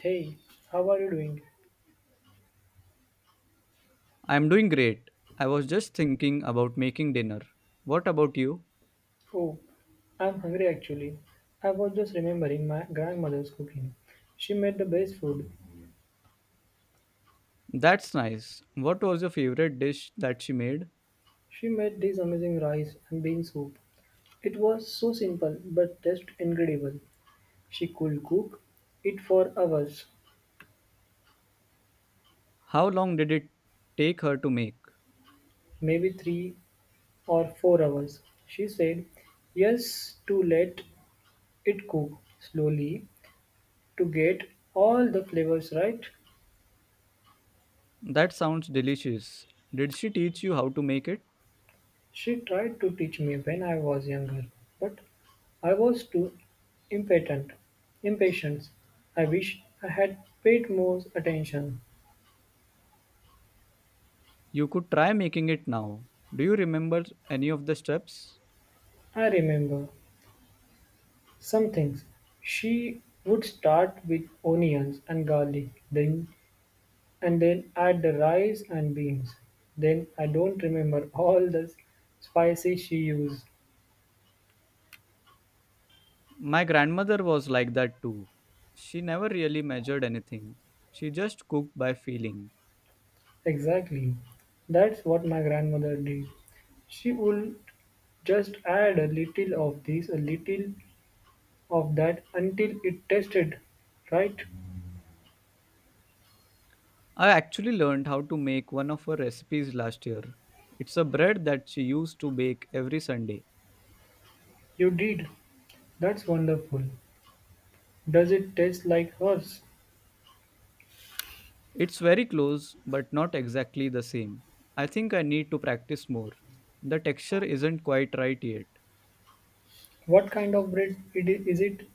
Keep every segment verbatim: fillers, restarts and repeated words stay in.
Hey, how are you doing? I'm doing great. I was just thinking about making dinner. What about you? Oh, I'm hungry actually. I was just remembering my grandmother's cooking. She made the best food. That's nice. What was your favorite dish that she made? She made this amazing rice and bean soup. It was so simple but tasted incredible. She could cook it for hours, How long did it take her to make? maybe three or four hours. She said yes to let it cook slowly to get all the flavors right. That sounds delicious. Did she teach you how to make it? She tried to teach me when I was younger, but I was too impatient. Impatient. I wish I had paid more attention. You could try making it now. Do you remember any of the steps? I remember some things. She would start with onions and garlic, then and then add the rice and beans. Then I don't remember all the spices she used. My grandmother was like that too. She never really measured anything. She just cooked by feeling. Exactly. That's what my grandmother did. She would just add a little of this, a little of that until it tasted right. I actually learned how to make one of her recipes last year. It's a bread that she used to bake every Sunday. You did. That's wonderful. Does it taste like hers? It's very close, but not exactly the same. I think I need to practice more. The texture isn't quite right yet. What kind of bread it i- is it?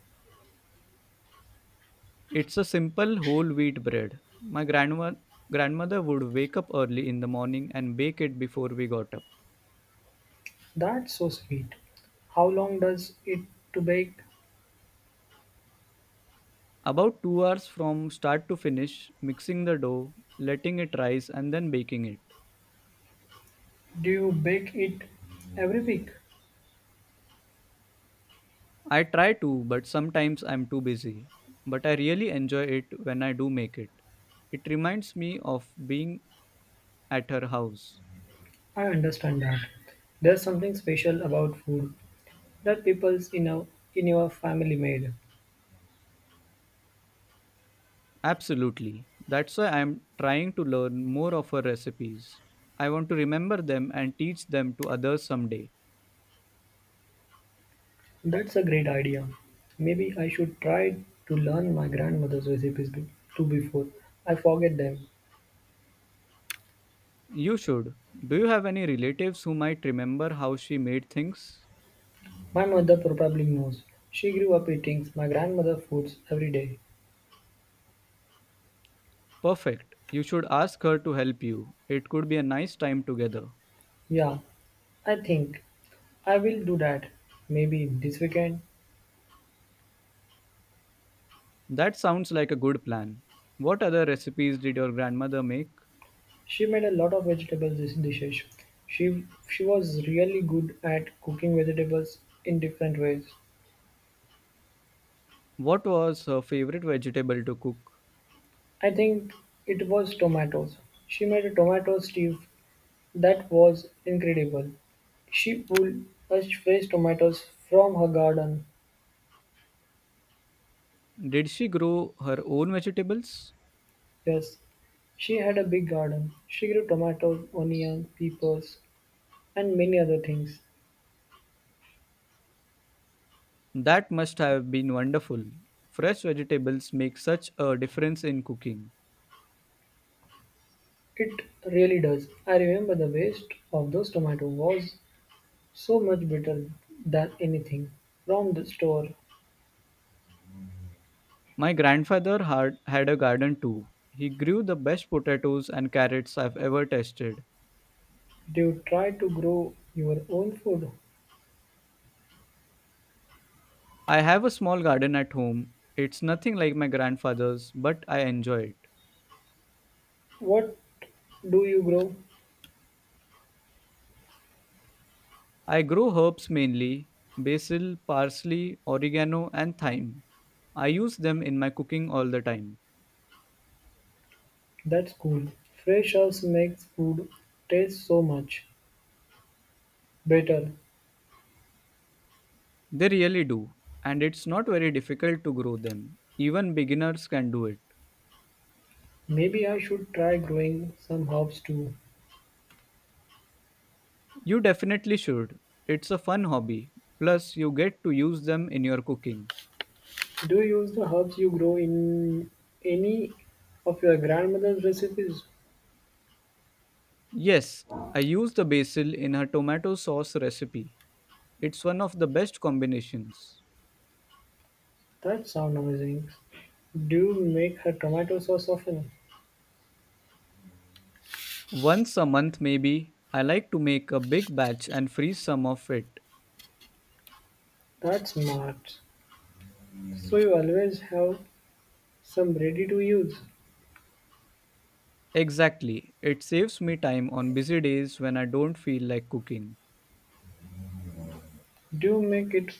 It's a simple whole wheat bread. My grandma- grandmother would wake up early in the morning and bake it before we got up. That's so sweet. How long does it to bake? About two hours from start to finish, mixing the dough, letting it rise, and then baking it. Do you bake it every week? I try to, but sometimes I'm too busy. But I really enjoy it when I do make it. It reminds me of being at her house. I understand that. There's something special about food that people's in, a, in your family made. Absolutely. That's why I'm trying to learn more of her recipes. I want to remember them and teach them to others someday. That's a great idea. Maybe I should try to learn my grandmother's recipes be- too before I forget them. You should. Do you have any relatives who might remember how she made things? My mother probably knows. She grew up eating my grandmother's foods every day. Perfect. You should ask her to help you. It could be a nice time together. Yeah, I think I will do that. Maybe this weekend. That sounds like a good plan. What other recipes did your grandmother make? She made a lot of vegetable dis- dishes. She she was really good at cooking vegetables in different ways. What was her favorite vegetable to cook? I think it was tomatoes. She made a tomato stew that was incredible. She pulled us fresh tomatoes from her garden. Did she grow her own vegetables? Yes, she had a big garden. She grew tomatoes, onions, peppers, and many other things. That must have been wonderful. Fresh vegetables make such a difference in cooking. It really does. I remember the waste of those tomatoes was so much better than anything from the store. My grandfather had, had a garden too. He grew the best potatoes and carrots I've ever tasted. Do you try to grow your own food? I have a small garden at home. It's nothing like my grandfather's, but I enjoy it. What do you grow? I grow herbs mainly basil, parsley, oregano, and thyme. I use them in my cooking all the time. That's cool. Fresh herbs makes food taste so much better. They really do, and it's not very difficult to grow them. Even beginners can do it. Maybe I should try growing some herbs too. You definitely should. It's a fun hobby. Plus, you get to use them in your cooking. Do you use the herbs you grow in any of your grandmother's recipes? Yes, I use the basil in her tomato sauce recipe. It's one of the best combinations. That sounds amazing. Do you make her tomato sauce often? Once a month, maybe, I like to make a big batch and freeze some of it. That's smart. So you always have some ready to use. Exactly, it saves me time on busy days when I don't feel like cooking. Do you make it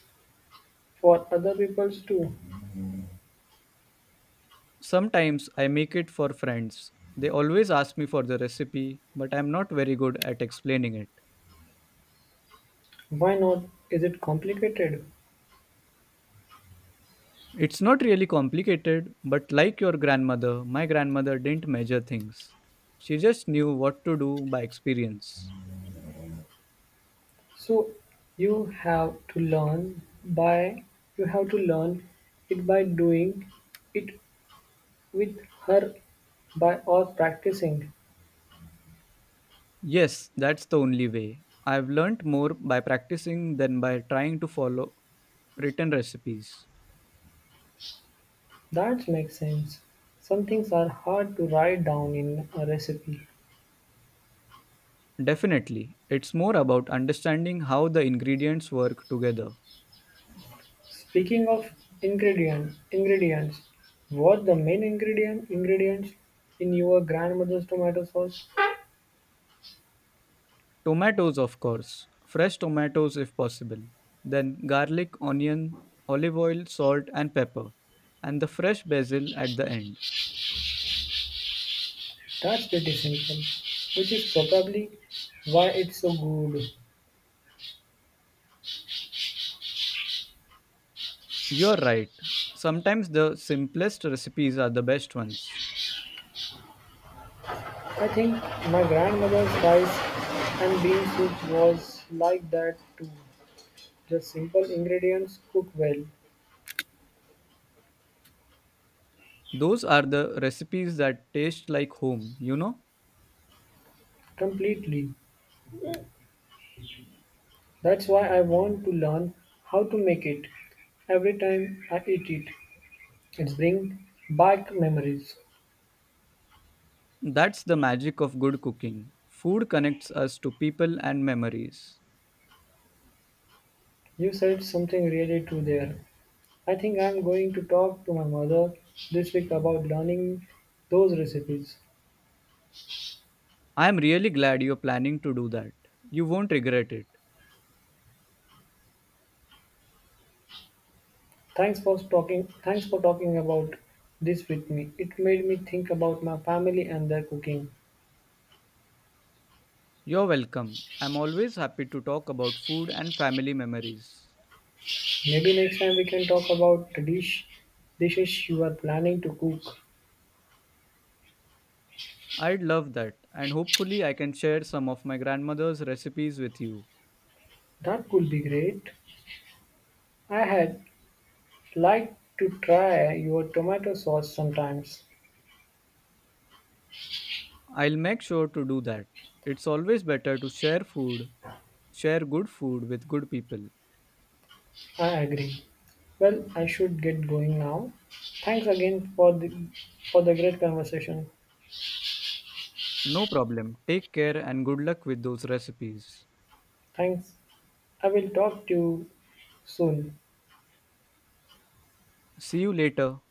for other people's too? Sometimes I make it for friends. They always ask me for the recipe, but I'm not very good at explaining it. Why not? Is it complicated? It's not really complicated, but like your grandmother, my grandmother didn't measure things. She just knew what to do by experience. So you have to learn by you have to learn it by doing it with her by or practicing. Yes, that's the only way. I've learnt more by practicing than by trying to follow written recipes. That makes sense. Some things are hard to write down in a recipe. Definitely, it's more about understanding how the ingredients work together. Speaking of ingredients, ingredients, what the main ingredient ingredients in your grandmother's tomato sauce? Tomatoes, of course, fresh tomatoes if possible. Then garlic, onion, olive oil, salt, and pepper, and the fresh basil at the end. That's pretty simple, which is probably why it's so good. You're right. Sometimes the simplest recipes are the best ones. I think my grandmother's rice and bean soup was like that too. Just simple ingredients cooked well, Those are the recipes that taste like home, you know? completely. That's why I want to learn how to make it every time I eat it. It brings back memories. That's the magic of good cooking. Food connects us to people and memories. You said something really true there. I think I'm going to talk to my mother this week about learning those recipes. I am really glad you're planning to do that. You won't regret it. Thanks for talking thanks for talking about this with me. It made me think about my family and their cooking. You're welcome. I'm always happy to talk about food and family memories. Maybe next time we can talk about the dish dishes you are planning to cook. I'd love that, and hopefully, I can share some of my grandmother's recipes with you. That could be great. I had like to try your tomato sauce sometimes. I'll make sure to do that. It's always better to share food, share good food with good people. I agree. Well, I should get going now. Thanks again for the for the great conversation. No problem. Take care and good luck with those recipes. Thanks. I will talk to you soon. See you later.